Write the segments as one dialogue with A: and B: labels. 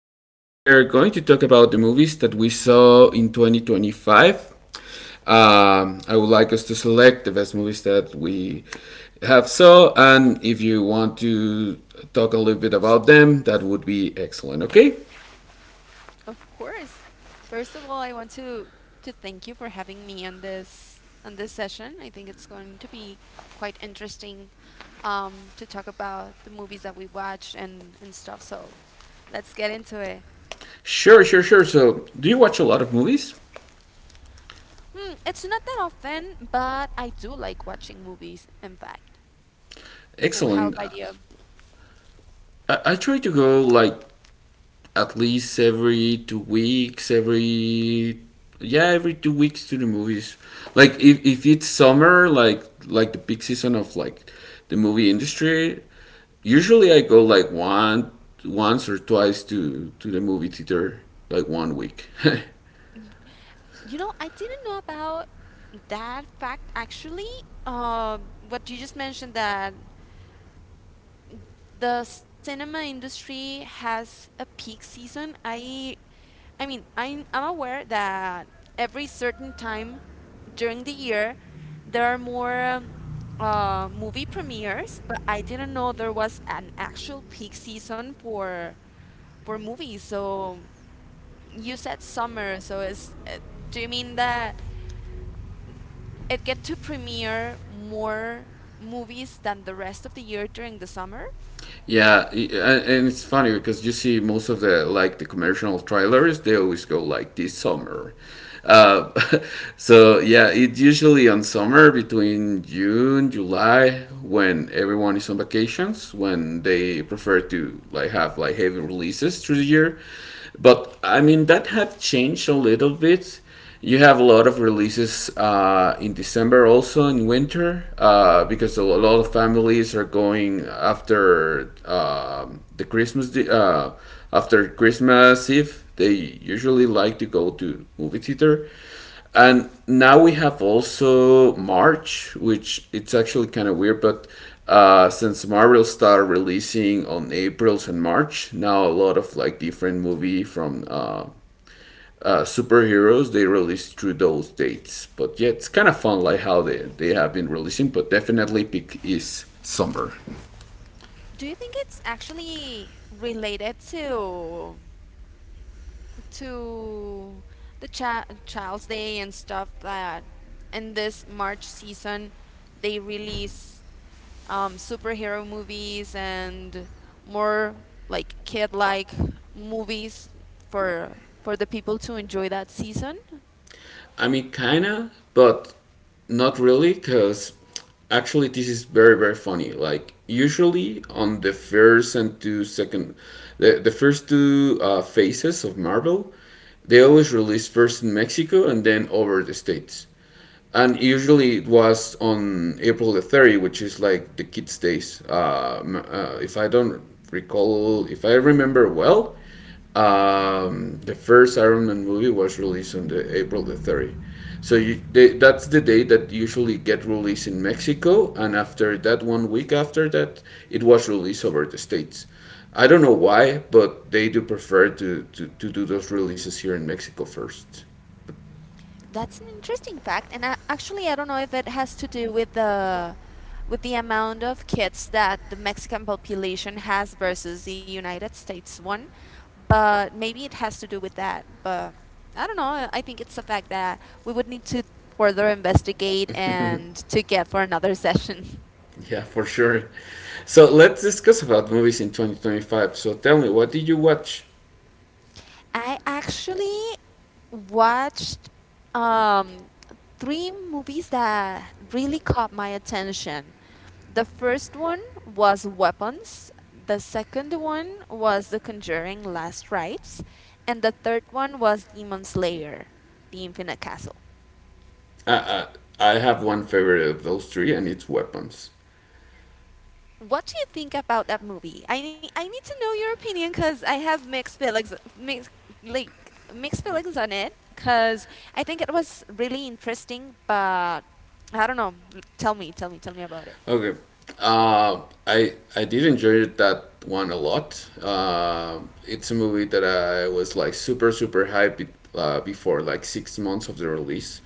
A: today we are going to talk about the movies that we saw in 2025. I would like us to select the best movies that we have saw, and if you want to talk a little bit about them, that would be excellent. Okay?
B: Of course. First of all, I want to thank you for having me on this session. I think it's going to be quite interesting to talk about the movies that we watched and stuff. So, let's get into it.
A: Sure, sure, sure. So, do you watch a lot of movies?
B: Hmm, it's not that often, but I do like watching movies. In fact, oh, how
A: Excellent.
B: about you?
A: I try to go like at least every 2 weeks, every yeah, every 2 weeks to the movies. Like if it's summer, like the peak season of like the movie industry, usually I go like one once or twice to the movie theater like 1 week.
B: You know, I didn't know about that fact actually. Uh, what you just mentioned, that the cinema industry has a peak season. I mean, I'm aware that every certain time during the year there are more movie premieres, but I didn't know there was an actual peak season for movies. So you said summer, so is do you mean that it get to premiere more movies than the rest of the year during the summer?
A: Yeah, and it's funny because you see most of the like the commercial trailers, they always go like this summer. Uh, so yeah, it's usually on summer between June, July, when everyone is on vacations, when they prefer to like have like heavy releases through the year. But I mean that have changed a little bit, you have a lot of releases in December, also in winter because a lot of families are going after the after Christmas Eve they usually like to go to movie theater. And now we have also March, which it's actually kind of weird, but since Marvel started releasing on Aprils and March, now a lot of like different movie from superheroes they release through those dates. But yeah, it's kind of fun like how they have been releasing, but definitely peak is summer.
B: Do you think it's actually related to the Child's Day and stuff that in this March season they release superhero movies and more like kid-like movies for for the people to enjoy that season?
A: I mean, kinda, but not really, because actually this is very very funny. Like usually on the first and two second, the first two phases of Marvel, they always release first in Mexico and then over the states. And usually it was on April the 30, which is like the kids' days. If I don't recall, if I remember well, the first Iron Man movie was released on the April the 30. So that's the day that usually get released in Mexico, and after that, 1 week after that, it was released over the states. I don't know why, but they do prefer to do those releases here in Mexico first.
B: That's an interesting fact, and I, actually, I don't know if it has to do with the amount of kids that the Mexican population has versus the United States one, but maybe it has to do with that. But I don't know. I think it's a fact that we would need to further investigate and to get for another session.
A: Yeah, for sure. So let's discuss about movies in 2025. So tell me, what did you watch?
B: I actually watched um, three movies that really caught my attention. The first one was Weapons, the second one was The Conjuring Last Rites, and the third one was Demon Slayer, The Infinite Castle.
A: Uh, I have one favorite of those three, and it's Weapons.
B: What do you think about that movie? I need to know your opinion because I have mixed feelings, mixed feelings on it. Because I think it was really interesting, but I don't know. Tell me, tell me, tell me about it.
A: Okay, I did enjoy that one a lot. It's a movie that I was like super super hyped before, like 6 months of the release.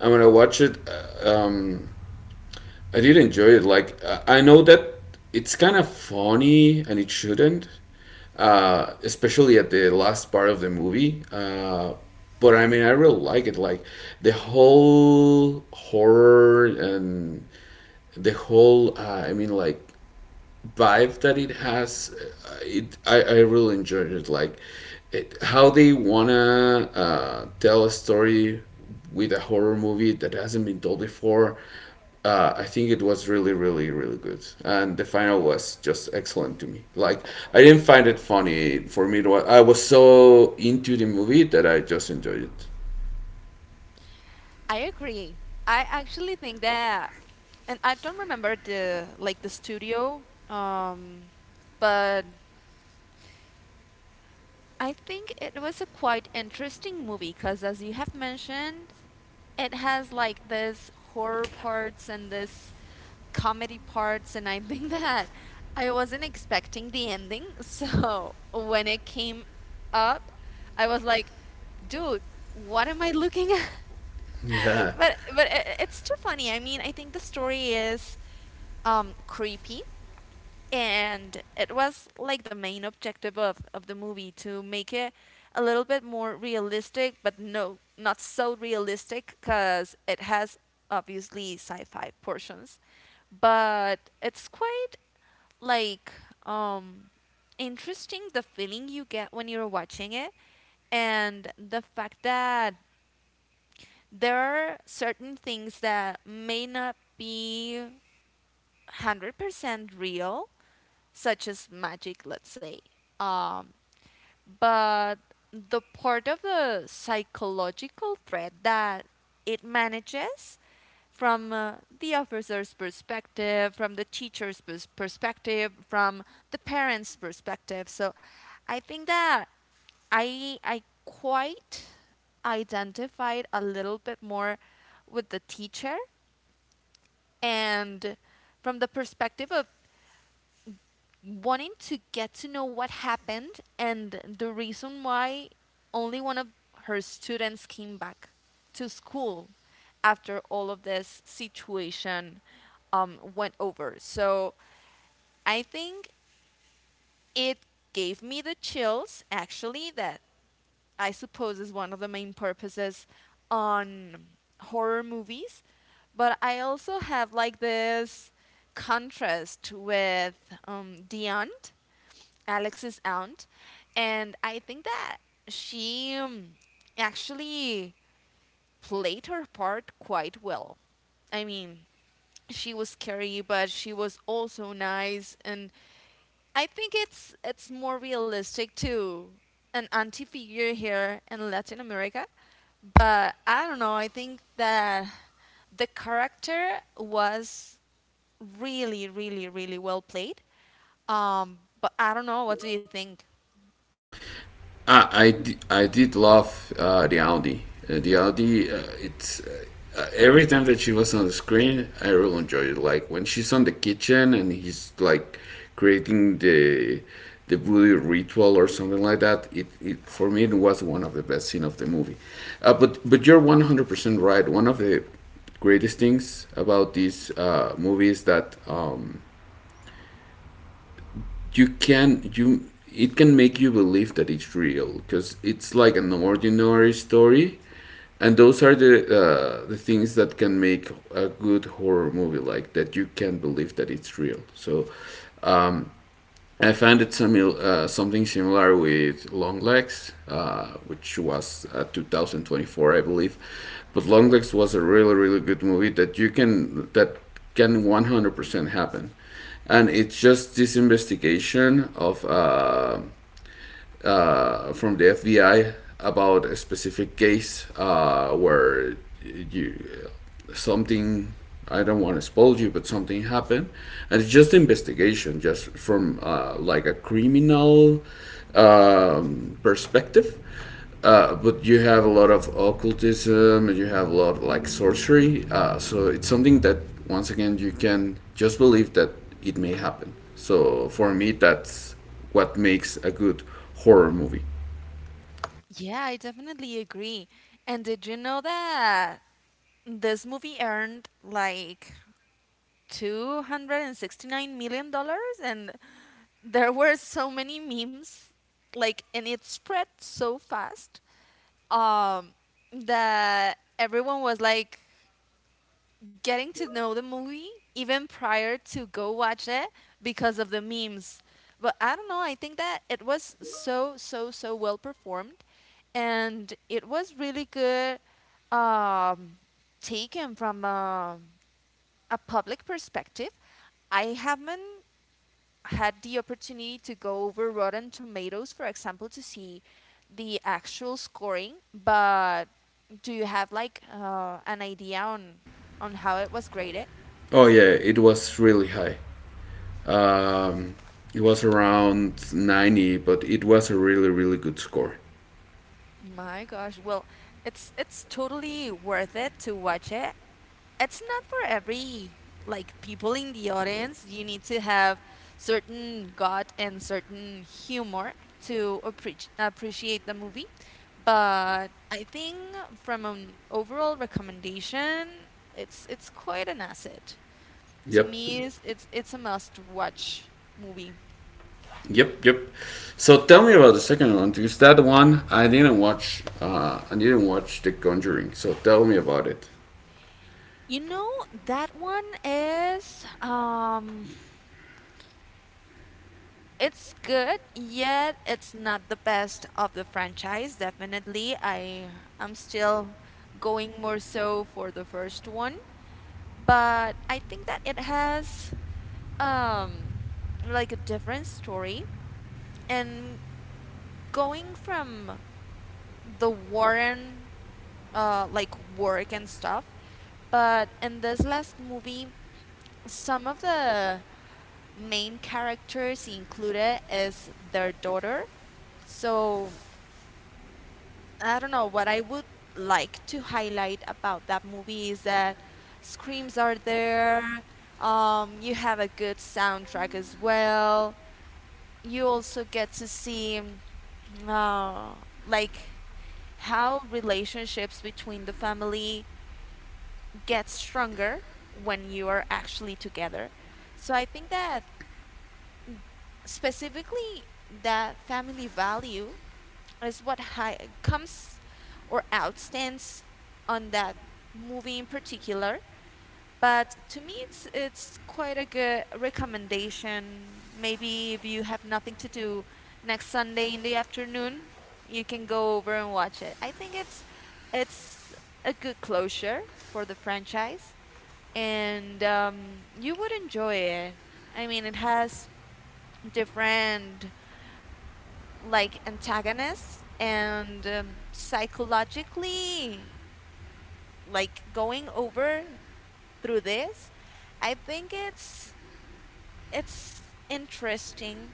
A: And when I watched it, I did enjoy it. Like I know that it's kind of funny, and it shouldn't, especially at the last part of the movie. But I mean, I really like it. Like the whole horror and the whole, I mean, like vibe that it has, it I really enjoyed it. Like it, how they wanna tell a story with a horror movie that hasn't been told before. I think it was really, really, really good, and the final was just excellent to me. Like I didn't find it funny for me. It was, I was so into the movie that I just enjoyed it.
B: I agree. I actually think that, and I don't remember the studio, um, but I think it was a quite interesting movie because, as you have mentioned, it has like this horror parts and this comedy parts, and I think that I wasn't expecting the ending. So when it came up, I was like, dude, what am I looking at?
A: Yeah,
B: But it, it's too funny. I mean, I think the story is creepy, and it was like the main objective of the movie to make it a little bit more realistic, but no not so realistic because it has obviously sci-fi portions, but it's quite like um interesting, the feeling you get when you're watching it, and the fact that there are certain things that may not be 100% real, such as magic, let's say. Um, but the part of the psychological threat that it manages from the officer's perspective, from the perspective, from the parents' perspective. So I think that I quite identified a little bit more with the teacher, and from the perspective of wanting to get to know what happened and the reason why only one of her students came back to school after all of this situation went over. So I think it gave me the chills, actually, that I suppose is one of the main purposes on horror movies. But I also have like this contrast with The Aunt, Alex's aunt, and I think that she actually played her part quite well. I mean, she was scary, but she was also nice, and I think it's more realistic to an auntie figure here in Latin America. But I don't know. I think that the character was really, really, really well played. But I don't know. What do you think?
A: I did love the Audi. The Audi, it's every time that she was on the screen, I really enjoyed it. Like when she's on the kitchen and he's like creating the voodoo ritual or something like that. It For me it was one of the best scene of the movie. But you're 100% right. One of the greatest things about this movie is that. You can you it can make you believe that it's real because it's like an ordinary story, and those are the things that can make a good horror movie, like that you can believe that it's real. So um, I found it something similar with Longlegs, which was 2024, I believe. But Longlegs was a really, really good movie that you can that can 100% happen, and it's just this investigation of. From the FBI about a specific case where you something, I don't want to spoil you, but something happened, and it's just investigation, just from like a criminal perspective. But you have a lot of occultism, you have a lot of, like sorcery. So it's something that once again you can just believe that it may happen. So for me, that's what makes a good horror movie.
B: Yeah, I definitely agree. And did you know that this movie earned like $269 million? Dollars And there were so many memes, like, and it spread so fast, um, that everyone was like, getting to know the movie even prior to go watch it because of the memes. But I don't know, I think that it was so so so well performed, and it was really good um taken from a public perspective. I haven't had the opportunity to go over Rotten Tomatoes, for example, to see the actual scoring, but do you have like an idea on how it was graded?
A: Oh yeah, it was really high. It was around 90, but it was a really really good score.
B: My gosh, well, it's totally worth it to watch it. It's not for every like people in the audience. You need to have certain gut and certain humor to appreciate the movie. But I think from an overall recommendation, it's quite an asset. To
A: Yep,
B: me, it's a must-watch movie.
A: yep, yep. So tell me about the second one because that one I didn't watch. I didn't watch The Conjuring. So tell me about it.
B: You know, that one is it's good, yet it's not the best of the franchise. Definitely, I'm still going more so for the first one, but I think that it has um like a different story, and going from the Warren like work and stuff, but in this last movie, some of the main characters included is their daughter. So I don't know, what I would like to highlight about that movie is that screams are there. You have a good soundtrack as well. You also get to see uh, like how relationships between the family get stronger when you are actually together. So I think that specifically that family value is what comes or outstands on that movie in particular. But to me, it's quite a good recommendation. Maybe if you have nothing to do next Sunday in the afternoon, you can go over and watch it. I think it's a good closure for the franchise, and you would enjoy it. I mean, it has different like antagonists and, psychologically like going over through this, I think it's interesting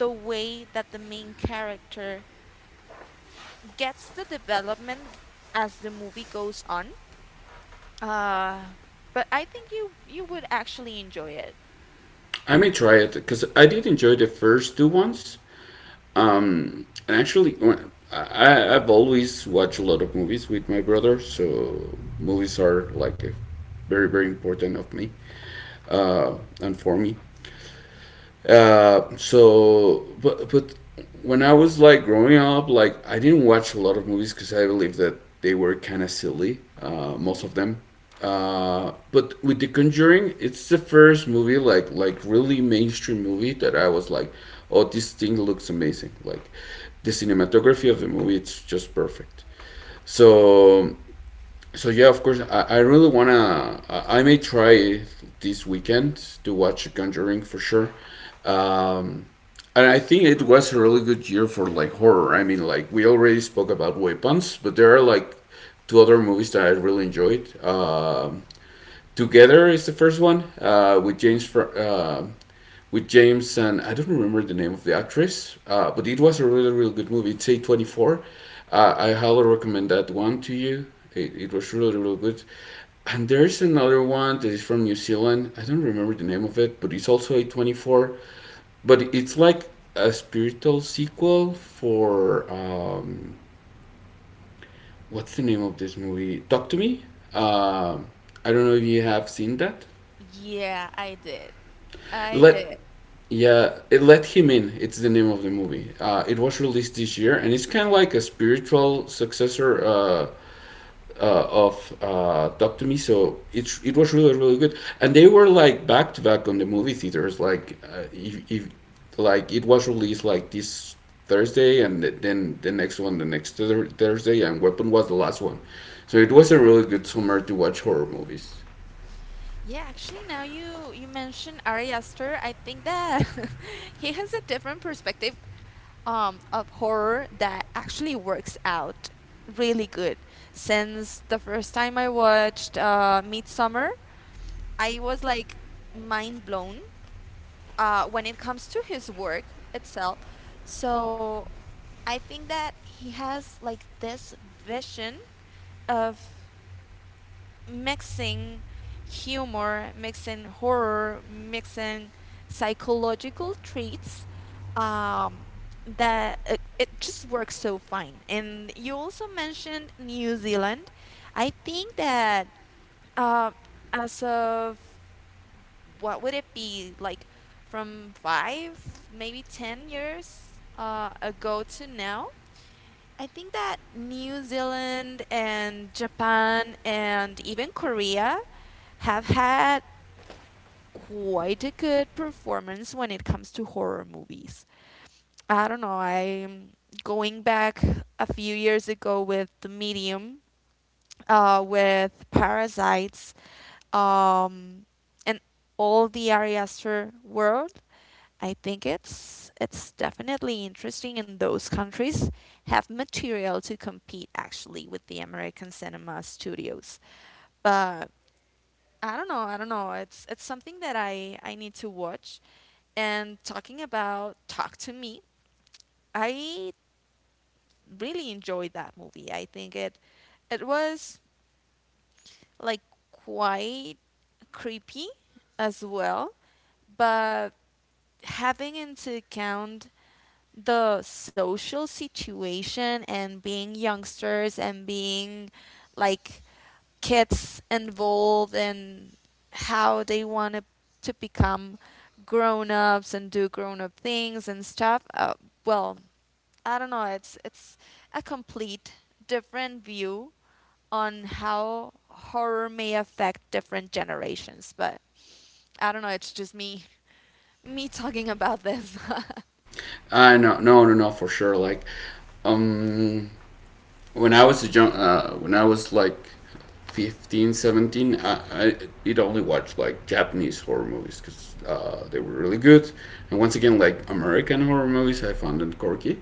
B: the way that the main character gets the development as the movie goes on, uh but I think you would actually enjoy it.
A: I may try it because I did enjoy the first two ones. And actually, I've always watched a lot of movies with my brother, so movies are like a very very important of me uh, and for me. So, but when I was like growing up, like I didn't watch a lot of movies because I believe that they were kind of silly, most
B: Hmm.
A: of them. But with The Conjuring, it's the first movie like really mainstream movie that I was like, oh, this thing looks amazing. Like the cinematography of the movie, it's just perfect. So so yeah, of course, I really wanna. I may try this weekend to watch Conjuring for sure. Um, and I think it was a really good year for like horror. I mean, like we already spoke about Weapons, but there are like two other movies that I really enjoyed. Together is the first one with James and I don't remember the name of the actress, but it was a really, really good movie. It's A24. I highly recommend that one to you. It was really, really good. And there's another one that is from New Zealand. I don't remember the name of it, but it's also A24. But it's like a spiritual sequel for what's the name of this movie? Talk to Me. Um, I don't know if you have seen that.
B: Yeah, I did. I
A: Let
B: did.
A: Let Him In. It's the name of the movie. It was released this year, and it's kind of like a spiritual successor of Talk to Me. So it was really really good, and they were like back to back on the movie theaters. Like if like it was released like this Thursday, and then the next one the next Thursday, and Weapon was the last one. So it was a really good summer to watch horror movies.
B: Yeah, actually, now you mentioned Ari Aster, I think that he has a different perspective, of horror that actually works out really good. Since the first time I watched Midsummer, I was like mind blown, when it comes to his work itself. So I think that he has like this vision of mixing humor, mixing horror, mixing psychological traits, um, that it just works so fine. And you also mentioned New Zealand. I think that, uh, as of what would it be like from 5, maybe 10 years ago to now, I think that New Zealand and Japan and even Korea have had quite a good performance when it comes to horror movies. I don't know, I'm going back a few years ago with The Medium, with Parasites, um, and all the Ari Aster world. I think it's definitely interesting, and those countries have material to compete actually with the American cinema studios. But I don't know, I don't know. It's something that I need to watch. And talking about Talk to Me, I really enjoyed that movie. I think it was like quite creepy as well, but having into account the social situation and being youngsters and being like kids involved in how they want to become grown ups and do grown up things and stuff. Well, I don't know. It's a complete different view on how horror may affect different generations, but I don't know. It's just me talking about this.
A: I no no no no for sure. Like um when I was a young, when I was like 15, 17, I it only watched like Japanese horror movies because they were really good. And once again, like American horror movies, I found them quirky,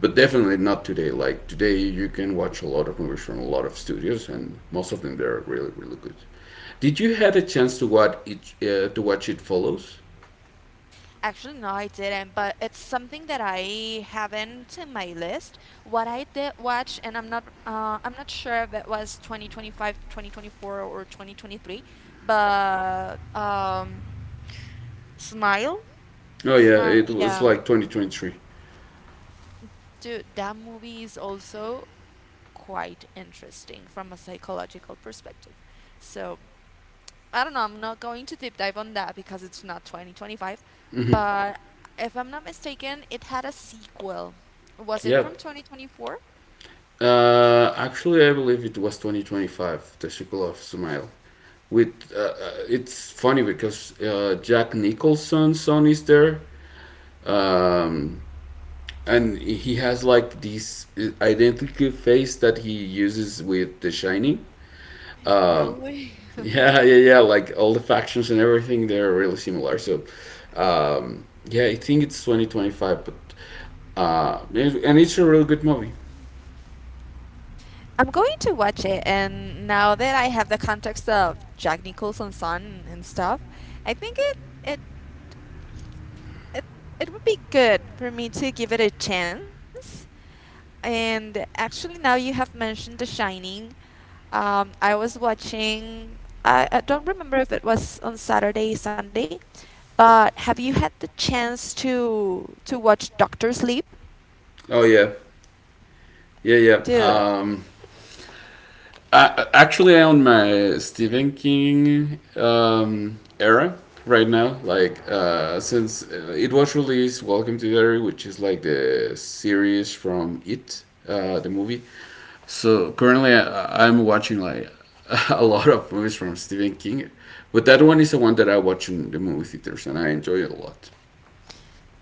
A: but definitely not today. Like today, you can watch a lot of movies from a lot of studios, and most of them they're really, really good. Did you had a chance to watch it? To watch It Follows?
B: Actually, no, I didn't, but it's something that I haven't in my list. What I did watch, and I'm not sure if it was 2025, 2024, or 2023, but Smile,
A: Oh yeah,
B: Smile,
A: it was
B: yeah.
A: like 2023.
B: Dude, that movie is also quite interesting from a psychological perspective. So I don't know. I'm not going to deep dive on that because it's not 2025. But if I'm not mistaken, it had a sequel. Was it from
A: Yep.
B: 2024?
A: Actually, I believe it was 2025, the sequel of Smile. With it's funny because Jack Nicholson's son is there, um, and he has like this identical face that he uses with The Shining. Uh,
B: No way.
A: yeah, yeah, yeah. Like all the factions and everything, they're really similar. So, yeah, I think it's 2025, but and it's a really good movie.
B: I'm going to watch it, and now that I have the context of Jack Nicholson's son and stuff, I think it it, it would be good for me to give it a chance. And actually, now you have mentioned The Shining. I was watching. I don't remember if it was on Saturday, Sunday, but have you had the chance to watch Doctor Sleep?
A: Oh yeah, yeah,
B: Dude,
A: yeah. Actually, I own my Stephen King era right now. Like since it was released, Welcome to the Area, which is like the series from It, the movie. So currently, I'm watching like a lot of movies from Stephen King, but that one is the one that I watch in the movie theaters, and I enjoy it a lot.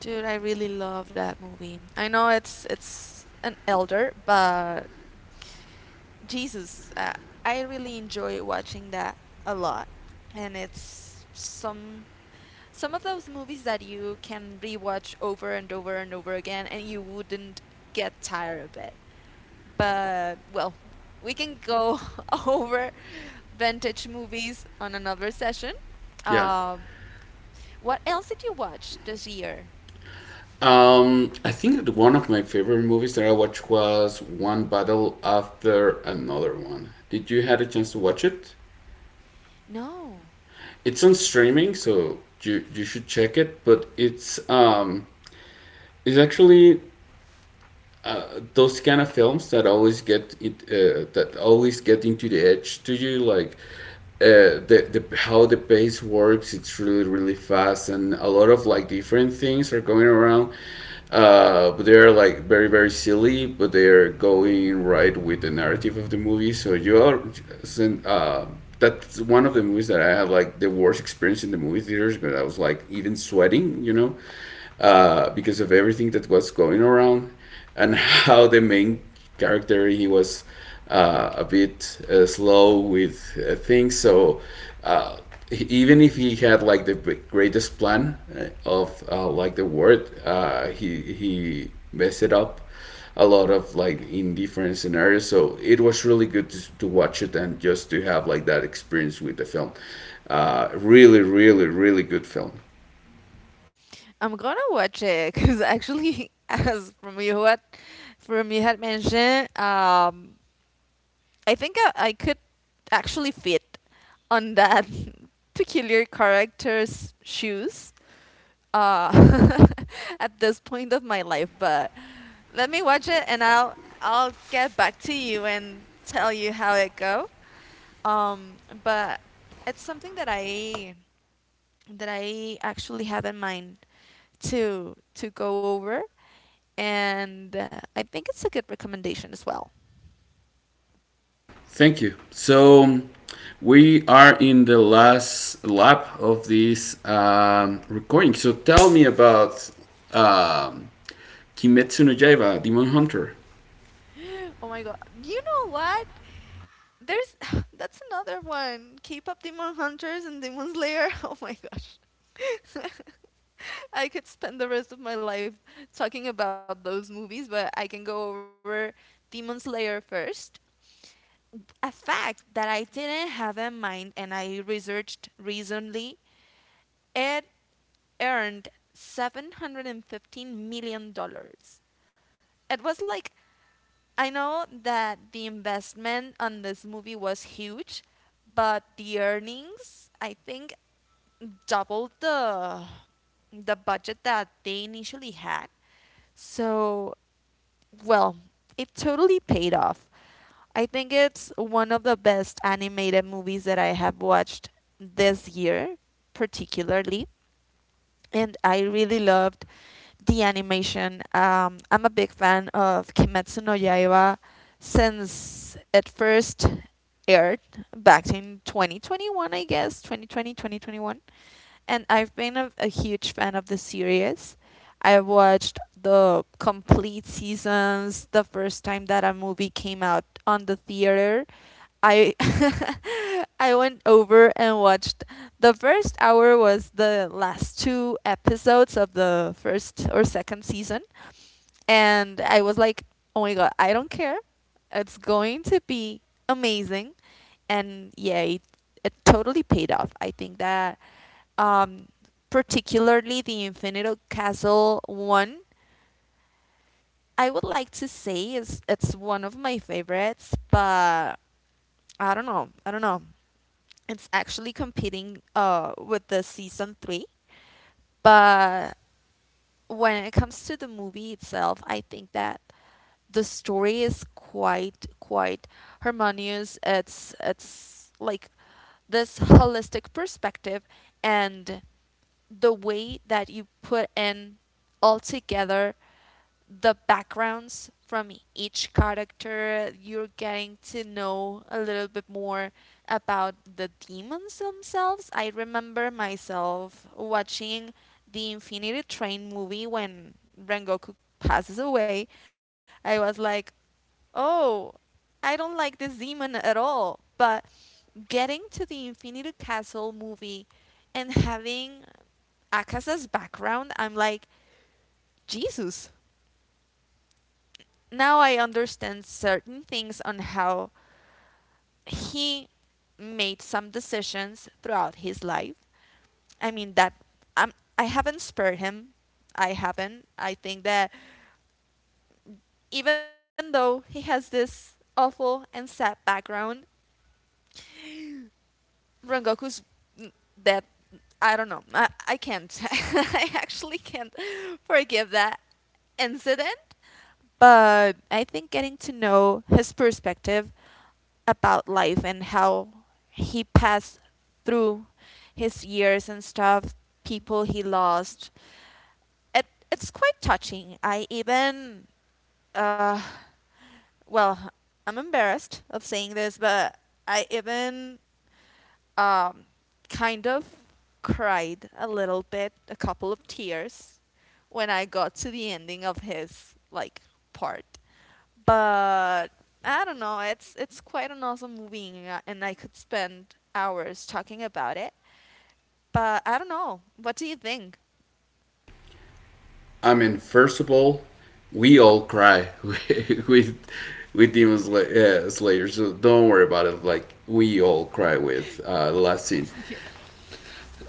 B: dude, I really love that movie. I know it's an elder, but Jesus, I really enjoy watching that a lot. And it's some of those movies that you can rewatch over and over and over again, and you wouldn't get tired of it. But well, we can go over vintage movies on another session.
A: Yeah.
B: Um, What else did you watch this year?
A: I think that one of my favorite movies that I watched was One Battle After Another One. Did you had a chance to watch it?
B: No.
A: It's on streaming, so you should check it. But it's actually those kind of films that always get it that always get into the edge to you, like the how the pace works, it's really really fast, and a lot of like different things are going around, but they're like very very silly, but they're going right with the narrative of the movie, so you are uh, that's one of the movies that I had like the worst experience in the movie theaters, but I was like even sweating, because of everything that was going around and how the main character he was a bit slow with things. So uh, even if he had like the greatest plan of like the world, he messed it up a lot of like in different scenarios. So it was really good to watch it and just to have like that experience with the film. Really, really, really good film.
B: I'm gonna watch it because actually, as from you what, from you had mentioned, I think I could actually fit on that peculiar character's shoes uh, at this point of my life. But let me watch it, and I'll get back to you and tell you how it go. Um, but it's something that I actually have in mind to go over and I think it's a good recommendation as well.
A: Thank you. So we are in the last lap of this recording. So tell me about um, Kimetsu no Yaiba, Demon Hunter.
B: Oh my god. You know what? There's that's another one. K-pop Demon Hunters and Demon Slayer. Oh my gosh. I could spend the rest of my life talking about those movies, but I can go over Demon Slayer first. A fact that I didn't have in mind and I researched recently, it earned 715 million dollars. It was like, I know that the investment on this movie was huge, but the earnings I think doubled the budget that they initially had. So, well, it totally paid off. I think it's one of the best animated movies that I have watched this year, particularly. And I really loved the animation. I'm a big fan of Kimetsu no Yaiba since it first aired back in 2021, I guess, 2020, 2021. And I've been a huge fan of the series. I watched the complete seasons the first time that a movie came out on the theater. I I went over and watched the first hour was the last two episodes of the first or second season, and I was like, "Oh my god, I don't care. It's going to be amazing." And yeah, it totally paid off. I think that um particularly the Infinito Castle one, I would like to say is it's one of my favorites, but I don't know. I don't know. It's actually competing with the season three. But when it comes to the movie itself, I think that the story is quite harmonious. It's like this holistic perspective, and the way that you put in all together the backgrounds from each character. You're getting to know a little bit more about the demons themselves. I remember myself watching the Infinity Train movie when Rengoku passes away. I was like, oh, I don't like this demon at all. But getting to the Infinity Castle movie and having Akasa's background, I'm like, Jesus, now I understand certain things on how he made some decisions throughout his life. I mean that I'm, I haven't spared him. I haven't. I think that even though he has this awful and sad background, Rengoku's n- death. I don't know. I can't. I actually can't forgive that incident. But I think getting to know his perspective about life and how he passed through his years and stuff, people he lost. It's quite touching. I even uh well, I'm embarrassed of saying this, but I even um, kind of cried a little bit, a couple of tears, when I got to the ending of his like part. But I don't know. It's quite an awesome movie, and I- could spend hours talking about it. But I don't know. What do you think?
A: I mean, first of all, we all cry with with Slayer, so don't worry about it. Like we all cry with the last scene.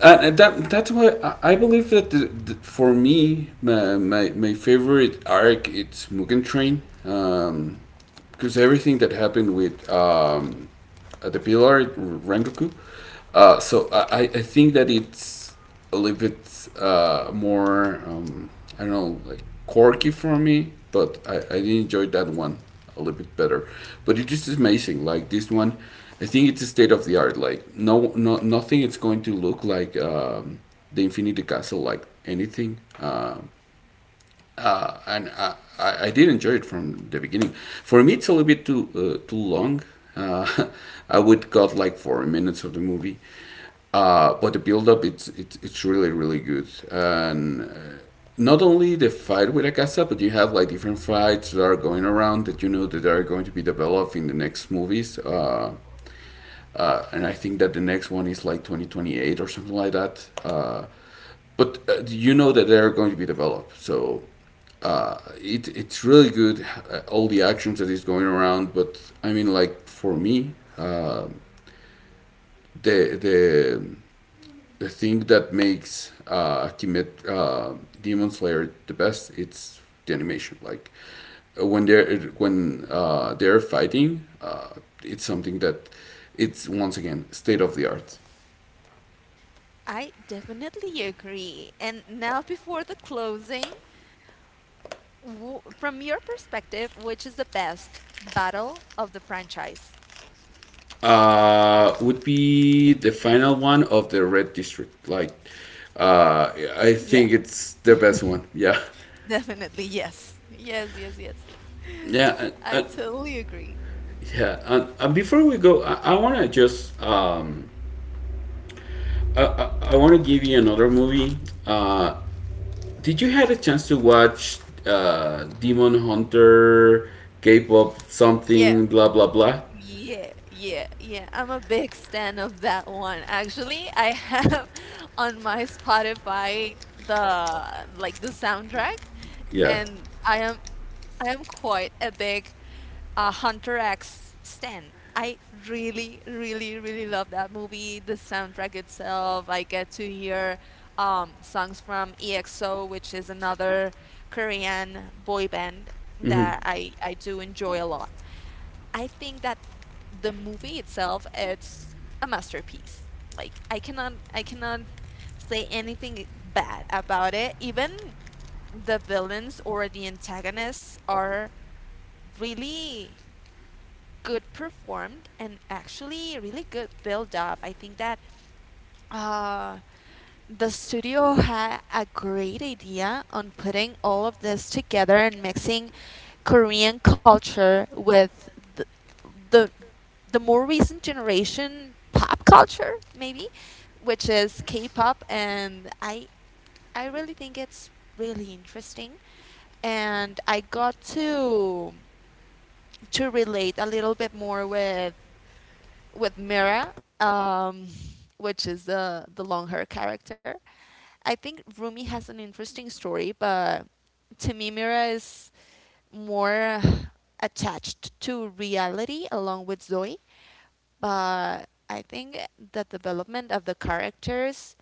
A: And that's why I believe that for me my favorite arc it's Mugen Train, because everything that happened with the Pillar Rengoku. So I think that it's a little bit more, I don't know, like quirky for me, but I did enjoy that one a little bit better. But it is amazing. Like this one, I think it's a state of the art. Like nothing. It's going to look like, the Infinity Castle, like anything. And I did enjoy it from the beginning. For me, it's a little bit too too long. Uh, I would cut like 4 minutes of the movie, but the build up it's really really good. And not only the fight with Akasa, but you have like different fights that are going around that you know that are going to be developed in the next movies. And I think that the next one is like 2028 or something like that. But You know that they're going to be developed, so it's really good. All the actions that is going around. But I mean, like for me, uh, the the the thing that makes, Kimet Demon Slayer the best, it's the animation. Like when they're fighting, it's something that it's, once again, state of the art.
B: I definitely agree. And now, before the closing, from your perspective, which is the best battle of the franchise?
A: Would be the final one of the red district. Like, I
B: Yeah.
A: think it's the best one. Yeah,
B: Definitely, yes. Yes, yes, yes.
A: yeah,
B: I
A: uh,
B: totally agree.
A: yeah. And before we go, I want to just, I want to give you another movie. Uh, did you had a chance to watch Demon Hunter, K-pop
B: Yeah,
A: something, blah blah blah?
B: yeah, yeah, yeah. I'm a big fan of that one. Actually, I have on my Spotify the like the soundtrack,
A: Yeah.
B: and I am quite a big Hunter X stan. I really, really, really love that movie, the soundtrack itself. I get to hear songs from EXO, which is another Korean boy band that I do enjoy a lot. I think that the movie itself, it's a masterpiece. Like I cannot say anything bad about it. Even the villains or the antagonists are really good performed and actually really good build up. I think that uh, the studio had a great idea on putting all of this together and mixing Korean culture with the the, the more recent generation pop culture, maybe, which is K-pop, and I really think it's really interesting, and I got to relate a little bit more with Mira, um, which is the long hair character. I think Rumi has an interesting story, but to me, Mira is more attached to reality along with Zoe. But I think the development of the characters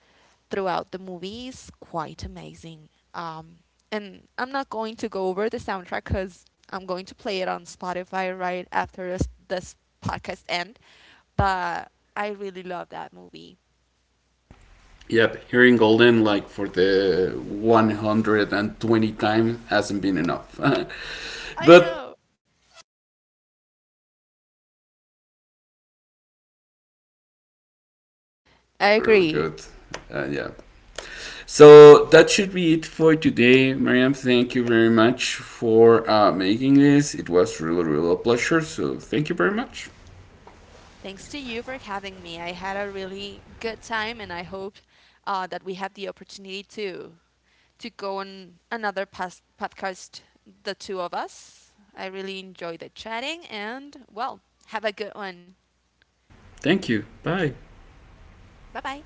B: throughout the movie is quite amazing. And I'm not going to go over the soundtrack because I'm going to play it on Spotify right after this podcast end, but I really love that movie.
A: Yep, hearing Golden like for the 120th times hasn't been enough.
B: I
A: but
B: know.
A: yeah, yeah, yeah, it's just amazing. Like every song is really,
B: I
A: really good.
B: agree.
A: Yeah. So that should be it for today, Mariam. Thank you very much for making this. It was really, really a pleasure. So thank you very much.
B: Thanks to you for having me. I had a really good time, and I hope that we have the opportunity to go on another past podcast, the two of us. I really enjoyed the chatting, and well, have a good one.
A: Thank you. Bye.
B: Bye bye.